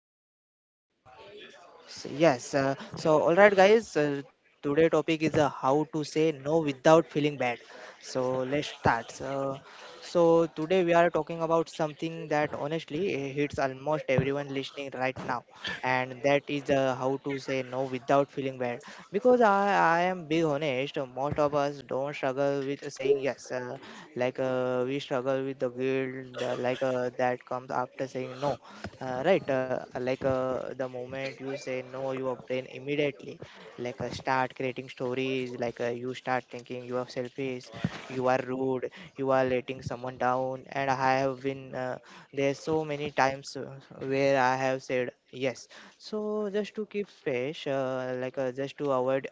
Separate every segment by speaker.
Speaker 1: So let's start now.
Speaker 2: All right, guys. Today topic is how to say no without feeling bad. So, let's start. So, so today we are talking about something that honestly hits almost everyone listening right now, and that is how to say no without feeling bad. Because I am being honest, most of us don't struggle with saying yes. We struggle with the guilt, that comes after saying no, the moment you say no your brain immediately start creating stories, you start thinking you are selfish, you are rude, you are letting someone down. And I have been there so many times where I have said yes, so just to keep space, just to avoid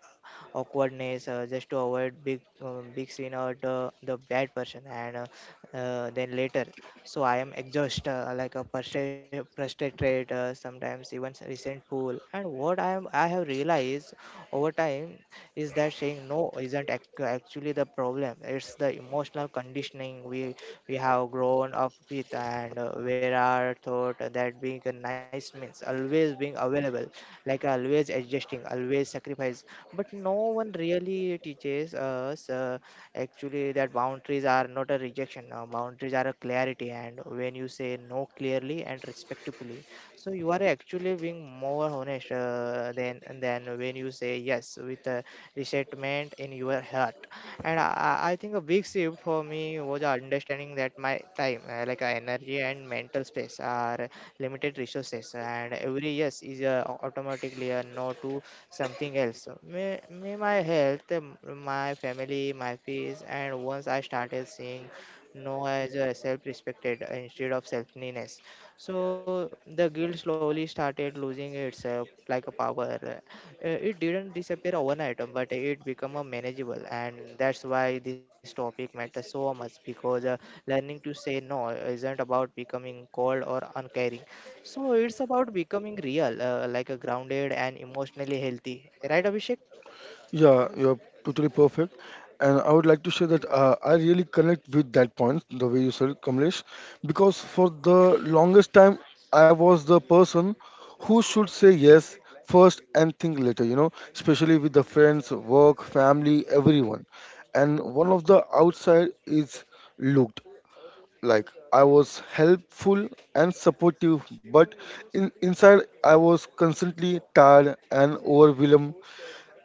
Speaker 2: awkwardness, just to avoid big scene or the bad person. And then later, so I am exhausted, like a frustrated, sometimes even resentful. And what I am, I have realized over time is that saying no isn't actually the problem, it's the emotional conditioning we have grown up with. And Where our thought that being a nice means always being available, like always adjusting, always sacrifice. But no one really teaches us, actually, that boundaries are not a rejection. Now, boundaries are a clarity, and when you say no clearly and respectfully, so you are actually being more honest than when you say yes with a resentment in your heart. And I, I think a big shift for me was understanding that my time, energy and mental space, are limited resources, and every yes is automatically a no to something else. So, may my health, my family, my fees. And once I started seeing no as a self-respected instead of selfness, so the guilt slowly started losing itself like a power. It didn't disappear overnight, but it became a manageable, and that's why this topic matters so much, because learning to say no isn't about becoming cold or uncaring, so it's about becoming real, like a grounded and emotionally healthy, right, Abhishek?
Speaker 3: Yeah, you're totally perfect. And I would like to say that I really connect with that point, the way you said, it, Kamlesh, because for the longest time, I was the person who should say yes first and think later, you know, especially with the friends, work, family, everyone. And one of the outside is looked. Like I was helpful and supportive but inside I was constantly tired and overwhelmed,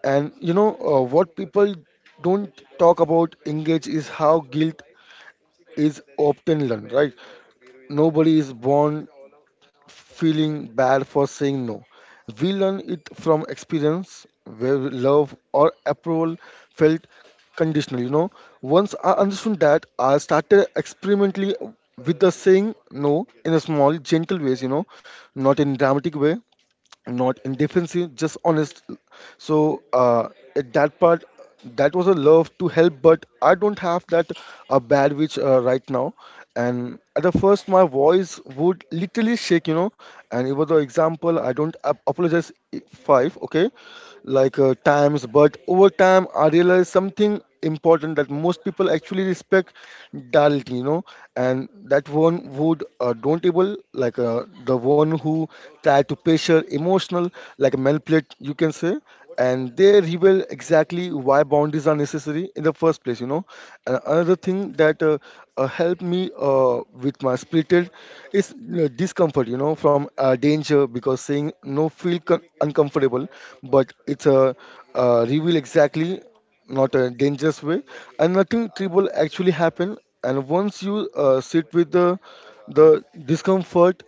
Speaker 3: and you know, what people don't talk about engage is how guilt is often learned, right? Nobody is born feeling bad for saying no. We learn it from experience where love or approval felt conditional. You know, once I understood that, I started experimentally with the saying no in a small, gentle ways. You know, not in dramatic way, not in defensive, just honest. So uh, at that part, that was a love to help, but I don't have that a bad which right now. And at the first, my voice would literally shake, you know. And it was an example. I don't ap- apologize. Five, okay, times, but over time, I realized something important, that most people actually respect dal, you know. And that one would don't able, the one who try to pressure emotional, like a manipulate you can say, and they reveal exactly why boundaries are necessary in the first place, you know. And another thing that helped me with my spirited is discomfort, you know, from danger, because saying no feel uncomfortable, but it's a reveal exactly, not a dangerous way, and nothing terrible actually happen. And once you sit with the the discomfort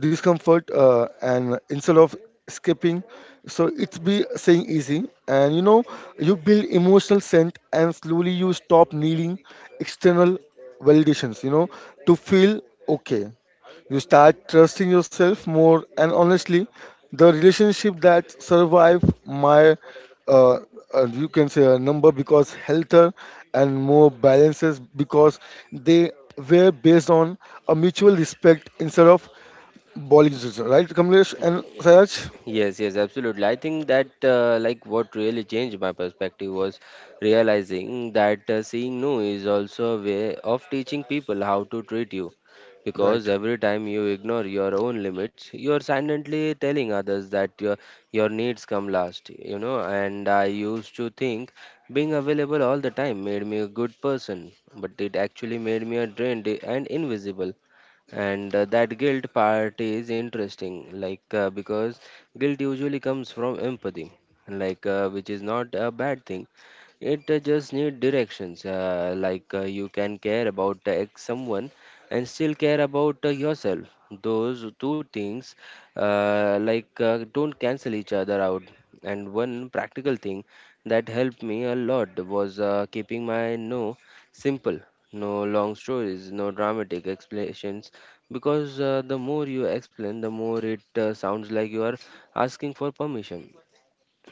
Speaker 3: discomfort and instead of escaping, so it's be saying easy. And you know, you build emotional scent, and slowly you stop needing external validations, you know, to feel okay. You start trusting yourself more, and honestly, the relationship that survive my uh, you can say a number because healthier and more balances, because they were based on a mutual respect instead of Bollywood, right, Kamlesh and Sayaj?
Speaker 1: Yes, yes, absolutely. I think that what really changed my perspective was realizing that saying no is also a way of teaching people how to treat you.
Speaker 3: Right.
Speaker 1: Because every time you ignore your own limits, you are silently telling others that your needs come last, you know. And I used to think being available all the time made me a good person, but it actually made me a drained and invisible, and that guilt part is interesting, because guilt usually comes from empathy, which is not a bad thing. It just need directions. You can care about ex someone and still care about yourself. Those two things don't cancel each other out. And one practical thing that helped me a lot was keeping my no simple. No long stories, no dramatic explanations, because the more you explain, the more it sounds like you are asking for permission,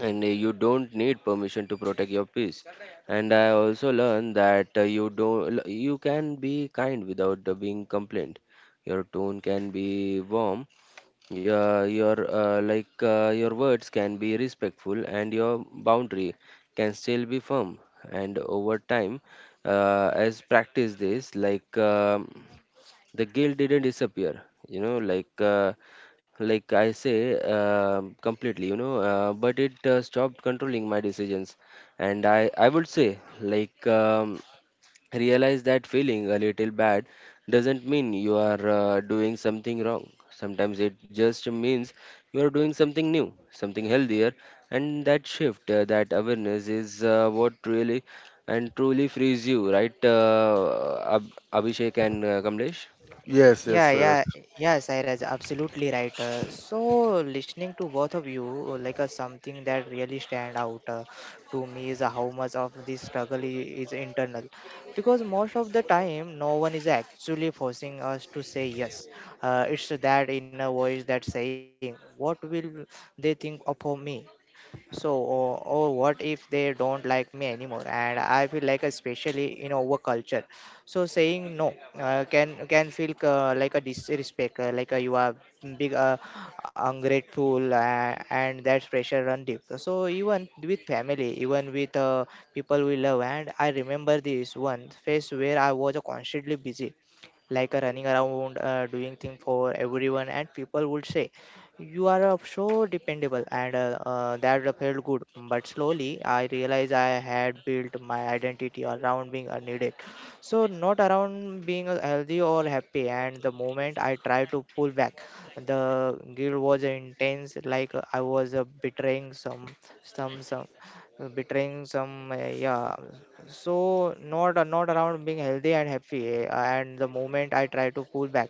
Speaker 1: and you don't need permission to protect your peace. And I also learned that you can be kind without being complained. Your tone can be warm. Your your words can be respectful, and your boundary can still be firm. And over time, as practice this, the guilt didn't disappear, you know, like I say completely, you know, but it stopped controlling my decisions. And I would say, realize that feeling a little bad doesn't mean you are doing something wrong. Sometimes it just means you are doing something new, something healthier. And that shift, that awareness, is what really and truly frees you, right, Abhishek and Kamlesh?
Speaker 3: Yes, yes,
Speaker 2: Yeah,
Speaker 3: Sayaj.
Speaker 2: yeah, yeah, Sairaj, absolutely right. Listening to both of you, something that really stand out to me is how much of this struggle is internal, because most of the time, no one is actually forcing us to say yes. It's that inner voice that's saying, "What will they think of me?" Or what if they don't like me anymore? And I feel like, especially in our culture, so saying no can feel like a disrespect, you are big ungrateful, and that pressure run deep. So even with family, even with people we love. And I remember this one phase where I was constantly busy, like a running around doing thing for everyone, and people would say you are so dependable, and that felt good. But slowly I realized I had built my identity around being needed, so not around being healthy or happy. And the moment I tried to pull back, the guilt was intense, I was betraying some betraying some yeah so not not around being healthy and happy, and the moment I try to pull back,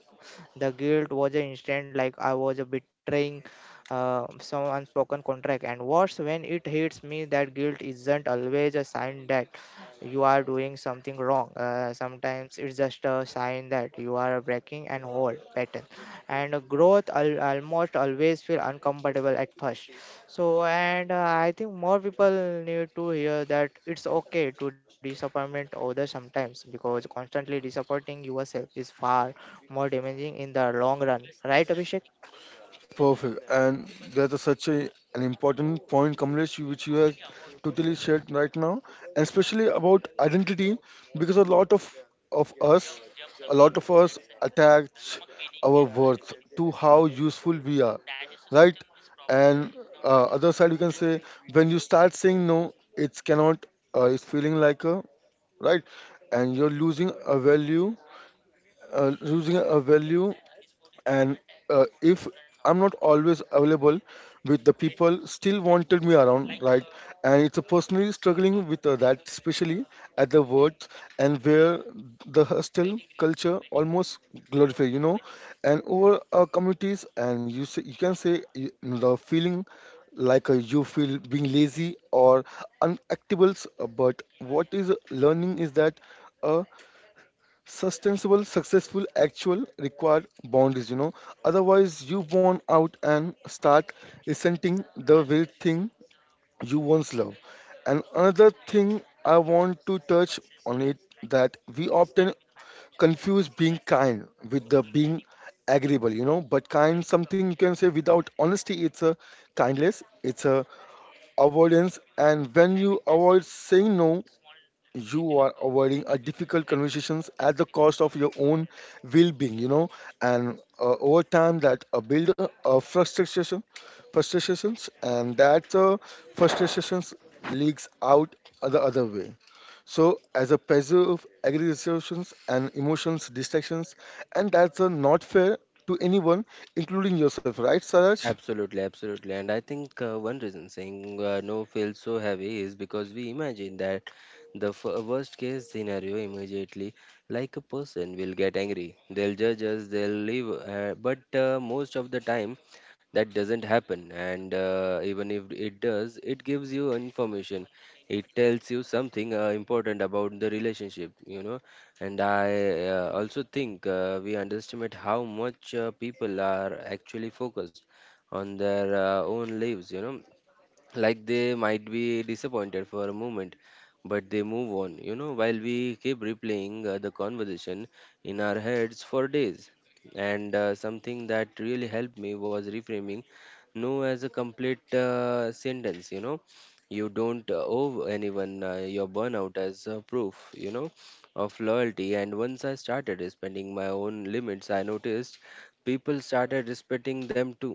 Speaker 2: the guilt was an instant, like I was betraying some unspoken contract. And worse, when it hits me that guilt isn't always a sign that you are doing something wrong, sometimes it's just a sign that you are breaking an old pattern, and growth almost always feel uncomfortable at first. So, and uh, I think more people need to hear that it's okay to disappointment others sometimes, because constantly disappointing yourself is far more damaging in the long run, right, Abhishek?
Speaker 3: Perfect. And that's a, such a, an important point, Kamlesh, you- which you have totally shared right now, and especially about identity, because of us, a lot of us attach our worth to how useful we are, right? And other side, you can say when you start saying no, it cannot. It's feeling like a right, and you're losing a value, and if I'm not always available with the people still wanted me around, right? And it's a personally struggling with that, especially at the words, and where the hostel culture almost glorify, you know, and over our communities. And you say, you can say you, the feeling you feel being lazy or unactables, but what is learning is that uh, sustainable, successful, actual required boundaries, you know. Otherwise, you burn out and start resenting the very thing you once loved. And another thing I want to touch on it, that we often confuse being kind with the being agreeable, you know. But kind, something you can say without honesty, it's a kindness, it's a avoidance. And when you avoid saying no, you are avoiding a difficult conversations at the cost of your own well-being, you know. And over time, that build a frustrations and that frustrations leaks out the other way, so as a preserve aggregations and emotions distractions, and that's not fair to anyone including yourself, right, Saraj?
Speaker 1: Absolutely, absolutely. And I think one reason saying no feels so heavy is because we imagine that the worst case scenario immediately, like a person will get angry, they'll judge us, they'll leave. But most of the time, that doesn't happen. And even if it does, it gives you information. It tells you something important about the relationship, you know. And I also think we underestimate how much people are actually focused on their own lives, you know. Like they might be disappointed for a moment, but they move on, you know, while we keep replaying the conversation in our heads for days. And something that really helped me was reframing no as a complete sentence, you know. You don't owe anyone your burnout as proof, you know, of loyalty. And once I started respecting my own limits, I noticed people started respecting them too,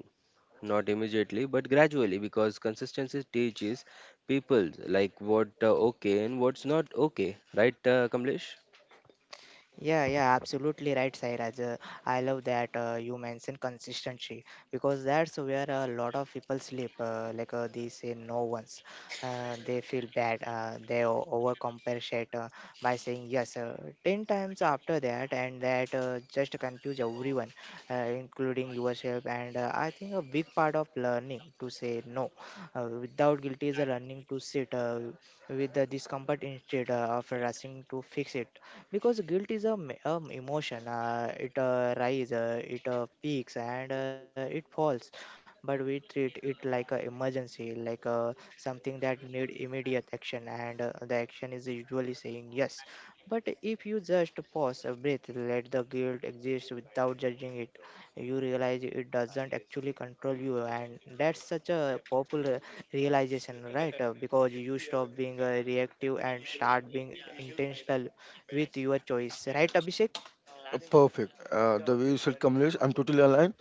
Speaker 1: not immediately, but gradually, because consistency teaches people like what okay and what's not okay, right, Kamlesh?
Speaker 2: Yeah, absolutely right, Sairaj. I love that you mentioned consistency, because that's where a lot of people sleep. They say, no one's. They feel bad. They overcompensate by saying yes 10 times after that, and that just confuse everyone, including yourself. And I think a big part of learning to say no without guilt is a learning to sit with the discomfort, instead of rushing to fix it, because guilt is a emotion, it rise, it peaks, and it falls. But we treat it like an emergency, something that need immediate action, and the action is usually saying yes. But if you just pause a breath, let the guilt exist without judging it, you realize it doesn't actually control you. And that's such a popular realization, right? Because you stop being reactive and start being intentional with your choice, right, Abhishek?
Speaker 3: Perfect. The way you said communication, I'm totally aligned.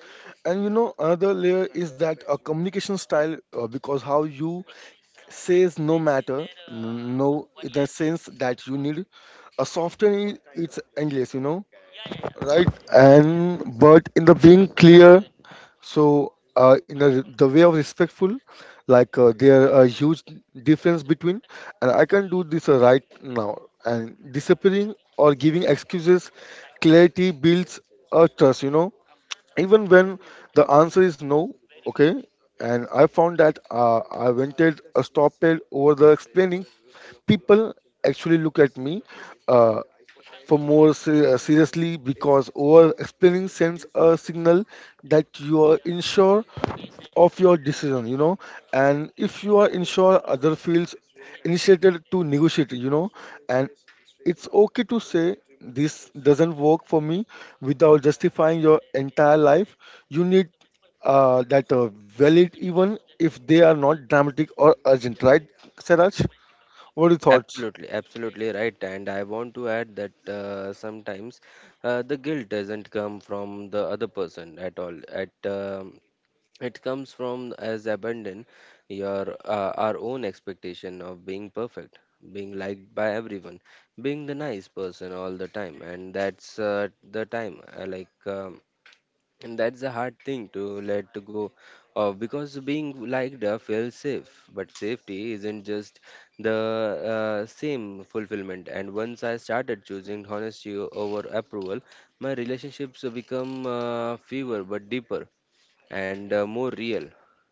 Speaker 3: And you know, another layer is that a communication style, because how you says no matter, no, in the sense that you need a softening, it's endless, you know, right? And but in the being clear, so, in the way of respectful, there are a huge difference between, and I can do this right now, and disappearing or giving excuses, clarity builds a trust, you know, even when the answer is no, okay. And I found that I wanted a stop it over the explaining. People actually look at me uh, for seriously, because over explaining sends a signal that you are unsure of your decision, you know. And if you are unsure, other feels initiated to negotiate, you know. And it's okay to say this doesn't work for me without justifying your entire life. You need that valid, even if they are not dramatic or urgent, right, Saraj? What are your thoughts?
Speaker 1: Absolutely, absolutely right. And I want to add that sometimes the guilt doesn't come from the other person at all. At it comes from as abandon your our own expectation of being perfect, being liked by everyone, being the nice person all the time, and that's the time like. And that's a hard thing to let go of, because being liked feels safe, but safety isn't just the same fulfillment. And once I started choosing honesty over approval, my relationships become fewer but deeper and more real.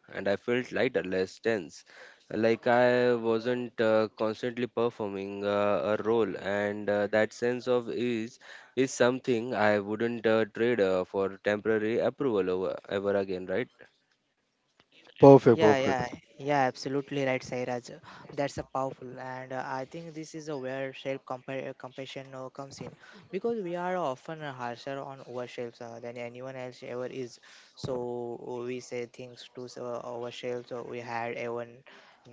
Speaker 1: And I felt lighter, less tense, like I wasn't constantly performing a role. And that sense of ease is something I wouldn't trade for temporary approval over ever again, right?
Speaker 3: Perfect,
Speaker 2: Yeah,
Speaker 3: perfect.
Speaker 2: yeah, yeah, absolutely right, Sairaj. That's a powerful, and I think this is a where self compassion comes in, because we are often harsher on ourselves than anyone else ever is. So we say things to ourselves we had ever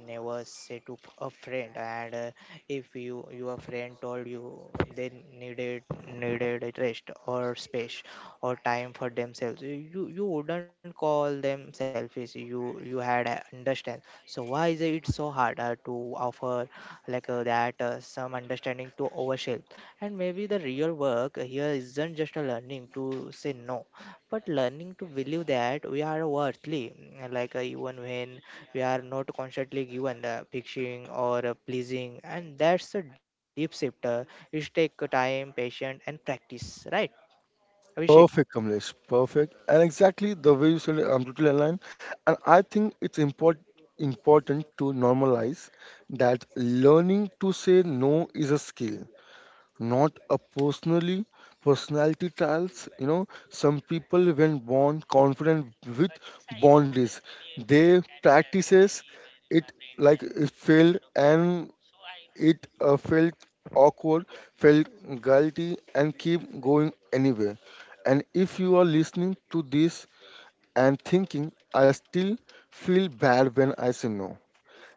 Speaker 2: never say to a friend. And If you your friend told you they needed a rest or space or time for themselves, you wouldn't call them selfish, you had understand. So why is it so hard to offer that some understanding to overshelf? And maybe the real work here isn't just a learning to say no, but learning to believe that we are worthly, even when we are not constantly given the fixing or pleasing. And that's a deep shift, it take time, patience, and practice, right, Abhishek?
Speaker 3: Perfect, Kamlesh. Perfect. And exactly the way you said it, I'm totally aligned. And I think it's important to normalize that learning to say no is a skill, not a personally personality trials. You know, some people when born confident with boundaries, they practices it like it failed. And it felt awkward, felt guilty, and keep going anyway. And if you are listening to this and thinking, I still feel bad when I say no,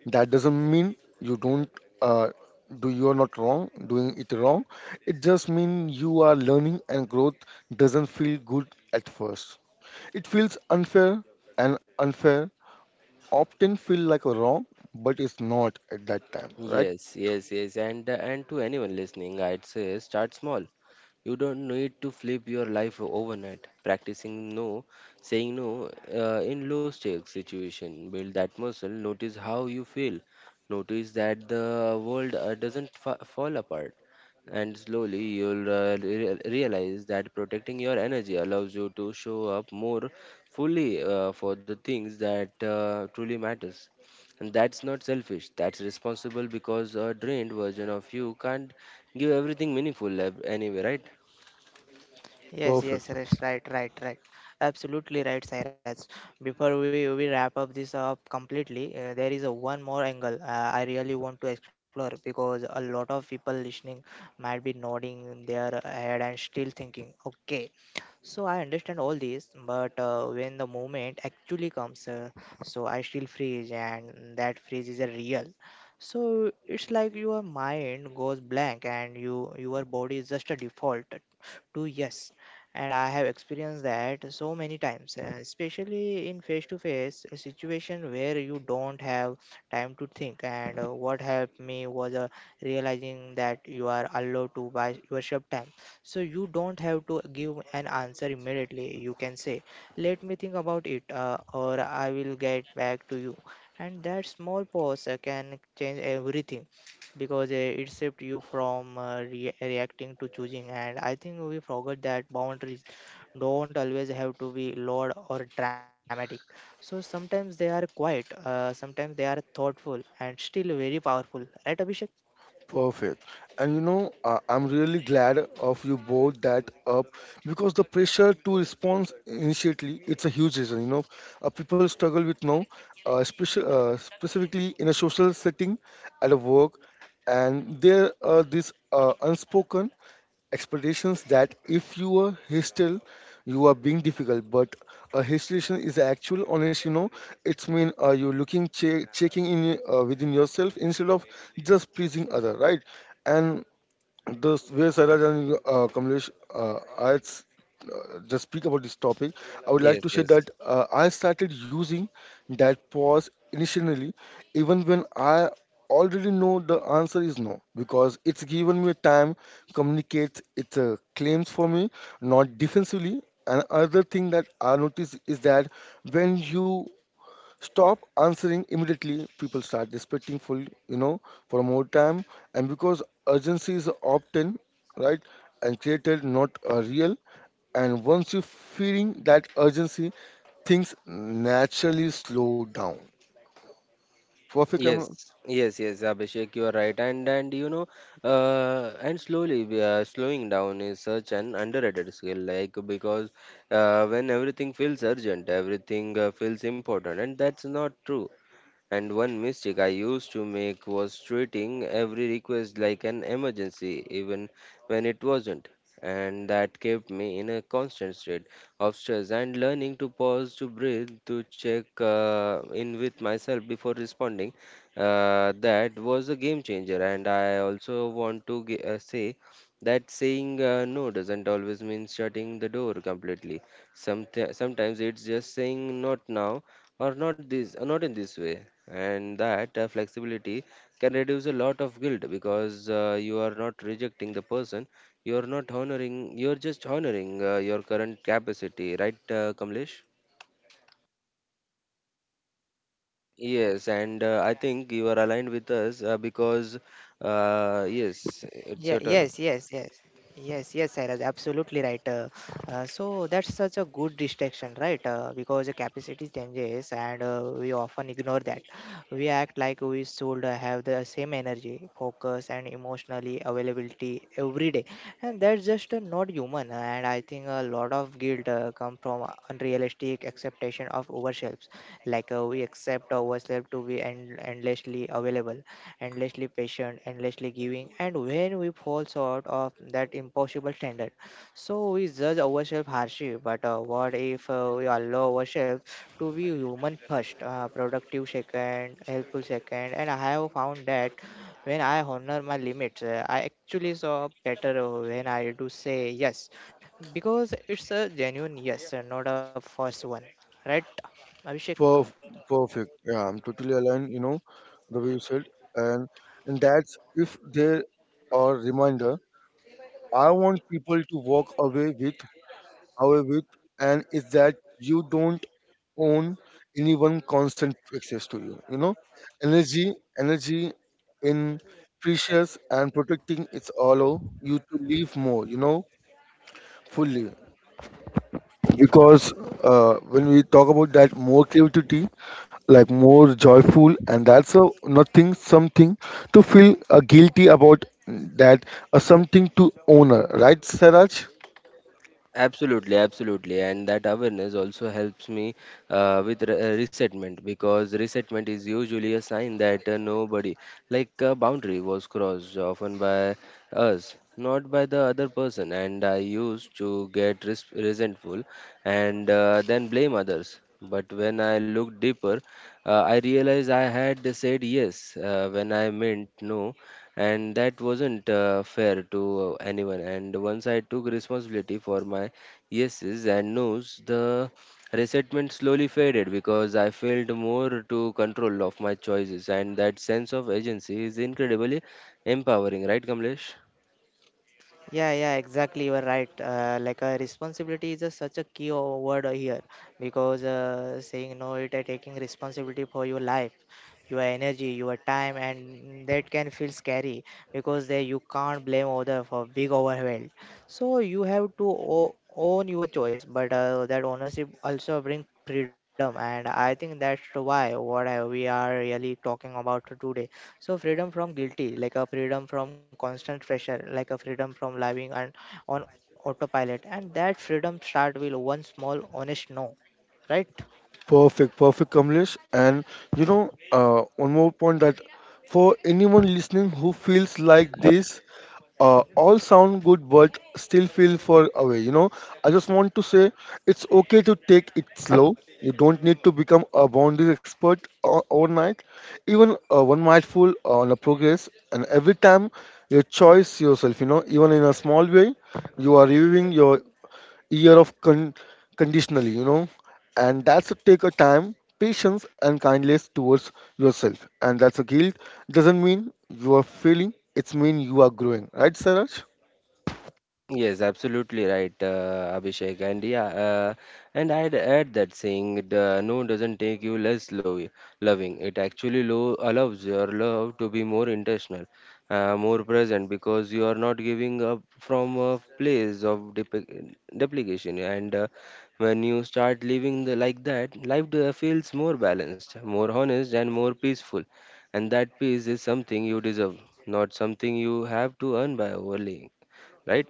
Speaker 3: that doesn't mean you don't. Uh, do you are not wrong doing it wrong, it just means you are learning, and growth doesn't feel good at first. It feels unfair, and unfair often feel like a wrong, but it's not at that time, right?
Speaker 1: Yes, yes, yes. And to anyone listening, I'd say start small. You don't need to flip your life overnight. Practicing no, saying no in low stakes situation, build that muscle. Notice how you feel. Notice that the world doesn't fa- fall apart, and slowly you'll realize that protecting your energy allows you to show up more fully for the things that truly matters. And that's not selfish, that's responsible, because a drained version of you can't give everything meaningful anyway, right?
Speaker 3: Perfect.
Speaker 2: Yes, right. Absolutely right, Cyrus. Before we wrap up this up completely, there is a one more angle I really want to explore, because a lot of people listening might be nodding their head and still thinking, okay, so I understand all this, but when the moment actually comes, so I still freeze, and that freeze is a real. So it's like your mind goes blank and your body is just a default to yes. And I have experienced that so many times, especially in face to face situation where you don't have time to think. And what helped me was realizing that you are allowed to buy worship time, so you don't have to give an answer immediately. You can say, let me think about it, or I will get back to you. And that small pause can change everything, because it shifts you from reacting to choosing. And I think we forgot that boundaries don't always have to be loud or dramatic, so sometimes they are quiet, sometimes they are thoughtful and still very powerful, right, Abhishek?
Speaker 3: Perfect. And you know, I'm really glad of you brought that up, because the pressure to respond initially, it's a huge reason. You know, people struggle with now, specifically in a social setting, at a work, and there are these unspoken expectations that if you are hostile, you are being difficult. But a hesitation is actual honest. You know, it's mean you looking checking in within yourself instead of just pleasing other, right? And way Saraj and Kamlesh, just speak about this topic, I would like
Speaker 1: Yes,
Speaker 3: to say
Speaker 1: yes,
Speaker 3: that I started using that pause initially, even when I already know the answer is no, because it's given me time, communicates its claims for me, not defensively. And other thing that I notice is that when you stop answering immediately, people start respecting for, you know, for more time, and because urgency is often right and created not a real. And once you feeling that urgency, things naturally slow down. Perfect.
Speaker 1: yes, yes, yes, Abhishek, you are right. And you know, and slowly we are slowing down is such an underrated skill, like because when everything feels urgent, everything feels important, and that's not true. And one mistake I used to make was treating every request like an emergency, even when it wasn't. And that kept me in a constant state of stress, and learning to pause, to breathe, to check in with myself before responding. That was a game changer. And I also want to say that saying no doesn't always mean shutting the door completely. Sometimes it's just saying not now, or not this, not in this way. And that flexibility can reduce a lot of guilt, because you are not rejecting the person, you are not honoring, you are just honoring your current capacity, right, Kamlesh? Yes, and I think you are aligned with us, because yes, it's
Speaker 2: Yeah,
Speaker 1: your turn.
Speaker 2: yes, yes, yes. Yes, Sairaj, absolutely right. So that's such a good distraction, right? Because the capacity changes, and we often ignore that. We act like we should have the same energy, focus, and emotionally availability every day. And that's just not human. And I think a lot of guilt come from unrealistic expectation of ourselves. We accept ourselves to be endlessly available, endlessly patient, endlessly giving, and when we fall short of that impossible standard, so we judge ourselves harshly. But what if we allow ourselves to be human first, productive second, helpful second? And I have found that when I honor my limits, I actually saw better when I do say yes, because it's a genuine yes, not a false one, right, Abhishek?
Speaker 3: Perf- Perfect. Yeah, I'm totally aligned, you know, the way you said. and and that's, if there are reminder, I want people to walk away with, and is that you don't own anyone constant access to you, you know. Energy energy in precious, and protecting it's allow you to live more, you know, fully, because when we talk about that, more creativity, like more joyful, and that's a nothing something to feel guilty about, that something to honor, right, Saraj?
Speaker 1: Absolutely, absolutely, and that awareness also helps me with resettlement, because resettlement is usually a sign that nobody, like a boundary, was crossed, often by us, not by the other person. And I used to get resentful and then blame others. But when I looked deeper, I realized I had said yes when I meant no, and that wasn't fair to anyone. And once I took responsibility for my yeses and nos, the resentment slowly faded because I felt more to control of my choices, and that sense of agency is incredibly empowering, right, Kamlesh?
Speaker 2: Yeah, exactly. You are right. Responsibility is a, such a key word here, because saying no, it are taking responsibility for your life, your energy, your time, and that can feel scary, because they you can't blame other for being overwhelmed. So you have to own your choice. But that ownership also bring freedom, and I think that's why we are really talking about today, so freedom from guilty, like a freedom from constant pressure, like a freedom from living and on autopilot. And that freedom start with one small honest no, right?
Speaker 3: Perfect, perfect, Kamlesh. And you know, one more point, that for anyone listening who feels like this, all sound good but still feel far away. You know, I just want to say it's okay to take it slow. You don't need to become a boundaries expert overnight. Even one mindful on a progress, and every time you choice yourself. You know, even in a small way, you are reviewing your year of conditionally, you know, and that's a take a time, patience, and kindness towards yourself. And that's a guilt doesn't mean you are failing; it's mean you are growing, right, Saraj?
Speaker 1: Yes, absolutely right, Abhishek. And yeah, and I'd add that saying the no doesn't take you less lo loving. It actually lo allows your love to be more intentional, more present, because you are not giving up from a place of duplication. And when you start living the, like that, life feels more balanced, more honest, and more peaceful. And that peace is something you deserve, not something you have to earn by overlaying, right?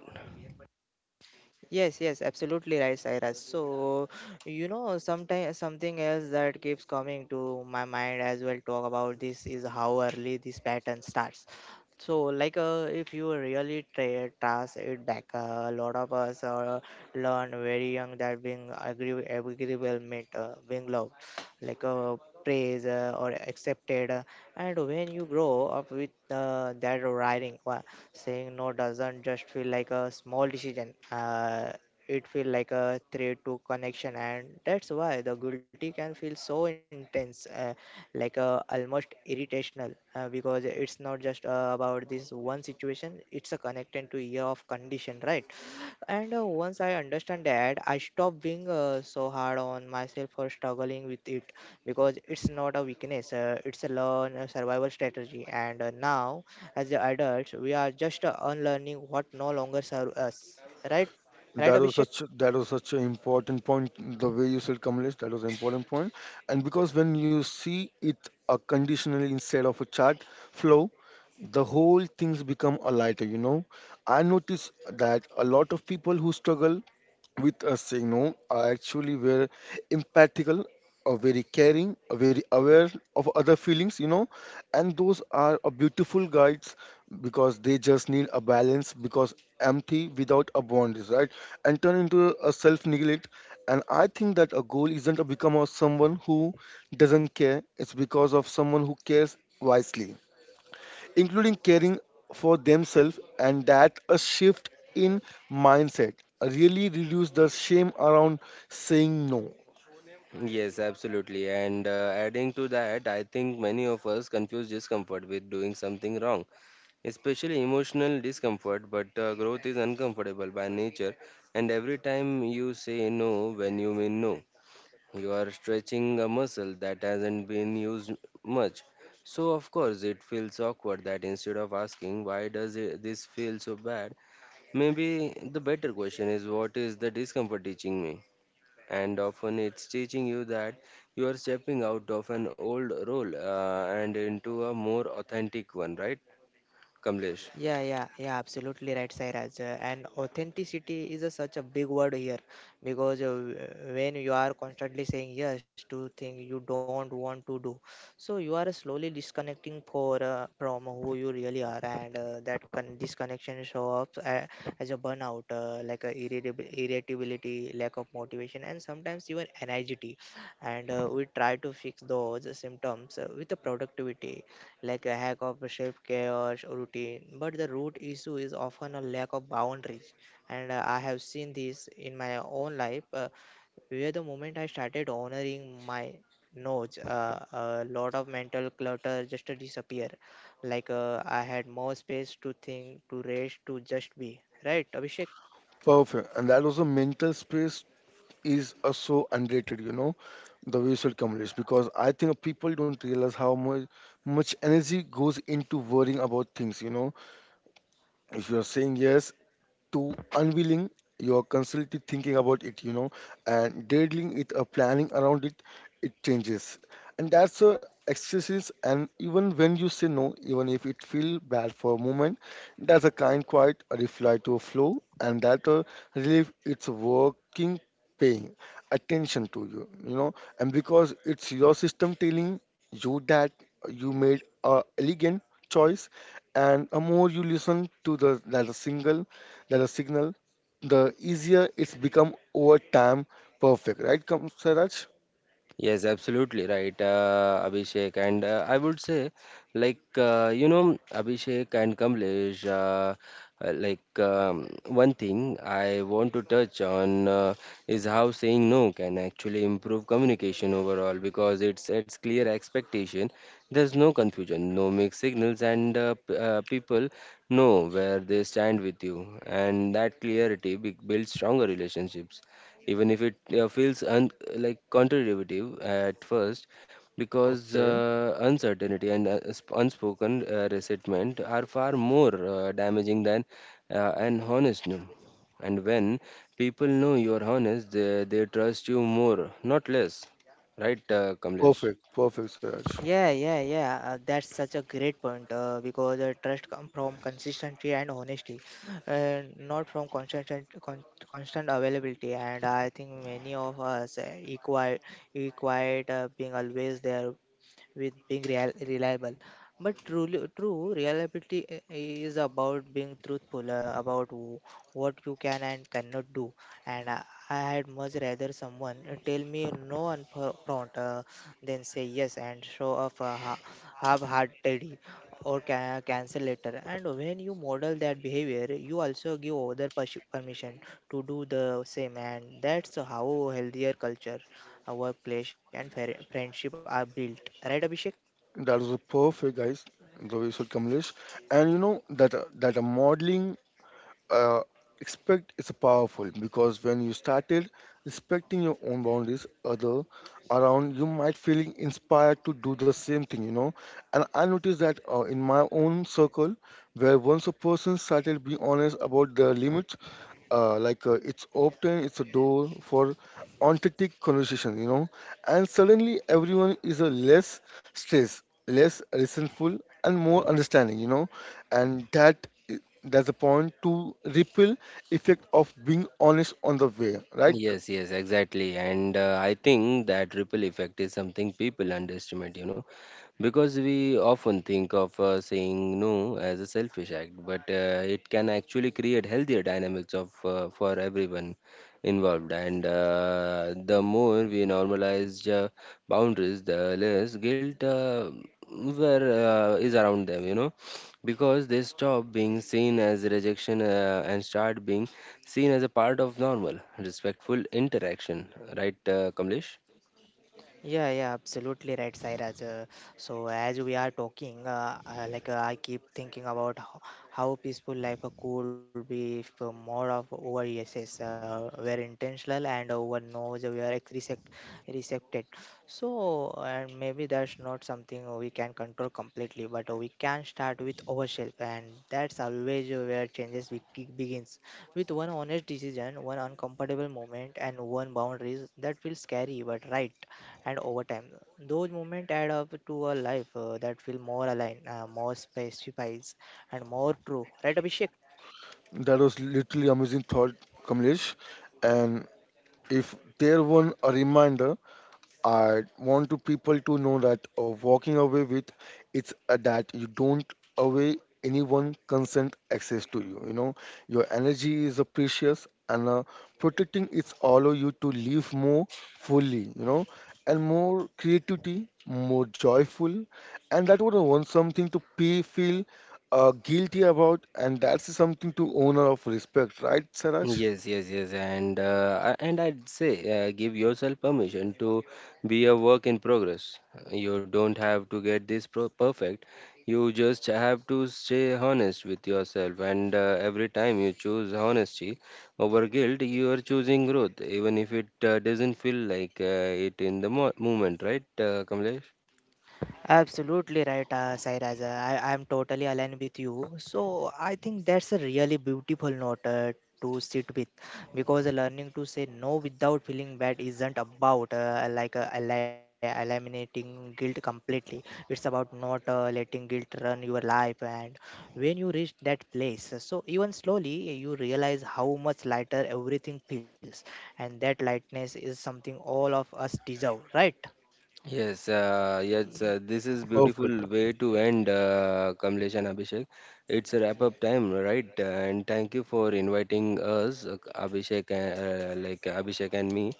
Speaker 2: Yes, absolutely right, Cyrus. So, you know, sometimes something else that keeps coming to my mind as well talk about this is how early this pattern starts. So, if you really trace it back, a lot of us learn very young that being agreeable meant being loved, like uh, praised or accepted. And when you grow up with that writing, saying no doesn't just feel like a small decision. It feel like a threat to connection, and that's why the guilty can feel so intense. Almost irritational because it's not just about this one situation, it's a connected to year of condition, right? And once I understand that, I stop being so hard on myself for struggling with it, because it's not a weakness, it's a learn a survival strategy. And now as a adults we are just unlearning what no longer serve us, right? Right, Abhishek.
Speaker 3: That was such an important point. The way you said, Kamlesh, that was an important point. And because when you see it a conditionally instead of a chart flow, the whole things become a lighter. You know, I notice that a lot of people who struggle with us saying no are actually very empathical, or very caring, or very aware of other feelings, you know. And those are a beautiful guides, because they just need a balance, because empty without a bond is right and turn into a self neglect. And I think that a goal isn't a become of someone who doesn't care, it's because of someone who cares wisely, including caring for themselves, and that a shift in mindset really reduce the shame around saying no.
Speaker 1: Yes, absolutely. And adding to that, I think many of us confuse discomfort with doing something wrong, especially emotional discomfort. But growth is uncomfortable by nature, and every time you say no when you mean no, you are stretching a muscle that hasn't been used much. So, of course, it feels awkward. That instead of asking, why does it, this feel so bad, maybe the better question is, what is the discomfort teaching me? And often it's teaching you that you are stepping out of an old role and into a more authentic one, right, Kamlesh?
Speaker 2: Yeah, absolutely right, Sairaj. And authenticity is a such a big word here, because when you are constantly saying yes to things you don't want to do, so you are slowly disconnecting for from who you really are, and that disconnection shows up as a burnout, like a irritability, lack of motivation, and sometimes even anxiety. And we try to fix those symptoms with the productivity, like a hack of a shape chaos routine, but the root issue is often a lack of boundaries. And I have seen this in my own life, where the moment I started honoring my notes, a lot of mental clutter just disappear. I had more space to think, to rest, to just be. Right, Abhishek?
Speaker 3: Perfect. And that also mental space is so underrated, you know, the visual communities, because I think people don't realize how much energy goes into worrying about things, you know. If you're saying yes to unwilling, you're constantly thinking about it, you know, and dealing it, or planning around it, it changes. And that's a exercise. And even when you say no, even if it feel bad for a moment, that's a kind quiet reply to a flow, and that a relief it's working, paying attention to you, you know, and because it's your system telling you that you made a elegant choice. And the more you listen to the that a single that a signal the easier it's become over time. Perfect, right, come Siraj?
Speaker 1: Yes, absolutely right, Abhishek. And I would say, you know, Abhishek and Kamlesh, one thing I want to touch on is how saying no can actually improve communication overall, because it sets clear expectation. There's no confusion, no mixed signals, and people know where they stand with you. And that clarity builds stronger relationships, even if it feels like counterintuitive at first, because
Speaker 3: Okay.
Speaker 1: uncertainty and unspoken resentment are far more damaging than an honest no. And when people know you are honest, they trust you more, not less. Right, Kamlesh?
Speaker 3: Perfect, perfect, Siraj.
Speaker 2: Yeah. That's such a great point, because trust comes from consistency and honesty, and not from con- constant availability. And I think many of us required being always there with being real, reliable. But truly, is about being truthful about what you can and cannot do. And I had much rather someone tell me no on front, than say yes and show off half-heartedly or cancel later. And when you model that behavior, you also give other permission to do the same. And that's how healthier culture, workplace, and friendship are built. Right, Abhishek?
Speaker 3: That was a perfect, guys. The way you said, Kamlesh, and you know, that a modeling uh, expect is powerful, because when you started respecting your own boundaries, other around you might feeling inspired to do the same thing, you know. And I noticed that in my own circle, where once a person started being honest about their limits, it's open it's a door for authentic conversation, you know. And suddenly everyone is a less stressed, less resentful, and more understanding, you know. And that's the point to ripple effect of being honest on the way, right?
Speaker 1: Yes, yes, exactly. And I think that ripple effect is something people underestimate, you know, because we often think of saying no as a selfish act, but it can actually create healthier dynamics of for everyone involved. And the more we normalize boundaries, the less guilt where is around them, you know, because they stop being seen as rejection and start being seen as a part of normal, respectful interaction, right, Kamlesh?
Speaker 2: Yeah, absolutely right, Sairaj. So as we are talking, I keep thinking about how peaceful life could be if more of our yeses were intentional and our no's were received. So and maybe that's not something we can control completely, but we can start with ourselves, and that's always where changes begins, with one honest decision, one uncomfortable moment, and one boundaries that feels scary but right. And over time, those moments add up to a life that feels more aligned, more specifies, and more true. Right, Abhishek?
Speaker 3: That was literally amazing thought, Kamlesh. And if there were a reminder, I want to people to know that walking away with it's that you don't away anyone consent access to you. You know, your energy is precious, and protecting it's allow you to live more fully. You know, and more creativity, more joyful, and that would want something to pay feel guilty about, and that's something to owner of respect, right, Saraj?
Speaker 1: Yes, yes, yes, and and I'd say give yourself permission to be a work in progress. You don't have to get this pro perfect. You just have to stay honest with yourself, and every time you choose honesty over guilt, you are choosing growth, even if it doesn't feel like it in the mo moment, right, Kamlesh?
Speaker 2: Absolutely right, Sairaj. I am totally aligned with you. So I think that's a really beautiful note to sit with, because learning to say no without feeling bad isn't about eliminating guilt completely. It's about not letting guilt run your life. And when you reach that place, so even slowly you realize how much lighter everything feels, and that lightness is something all of us deserve, right?
Speaker 1: Yes, yes, this is
Speaker 3: Perfect.
Speaker 1: beautiful way to end, Kamlesh and Abhishek. It's a wrap up time, right? And thank you for inviting us, Abhishek, and, Abhishek and me.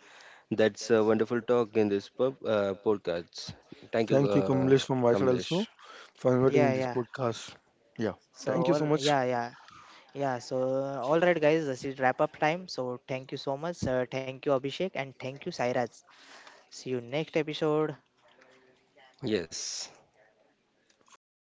Speaker 1: That's a wonderful talk in this podcast. Thank you,
Speaker 3: Thank you, Kamlesh, from my side
Speaker 1: Kamlesh.
Speaker 3: also for inviting in
Speaker 2: Yeah,
Speaker 3: this
Speaker 2: yeah.
Speaker 3: podcast. Yeah, thank
Speaker 2: So,
Speaker 3: you so
Speaker 2: all,
Speaker 3: much.
Speaker 2: yeah, yeah. Yeah, so all right, guys, this is wrap up time. So thank you so much. Thank you, Abhishek, and thank you, Sairaj. See you next episode.
Speaker 1: Yes.
Speaker 3: Yeah.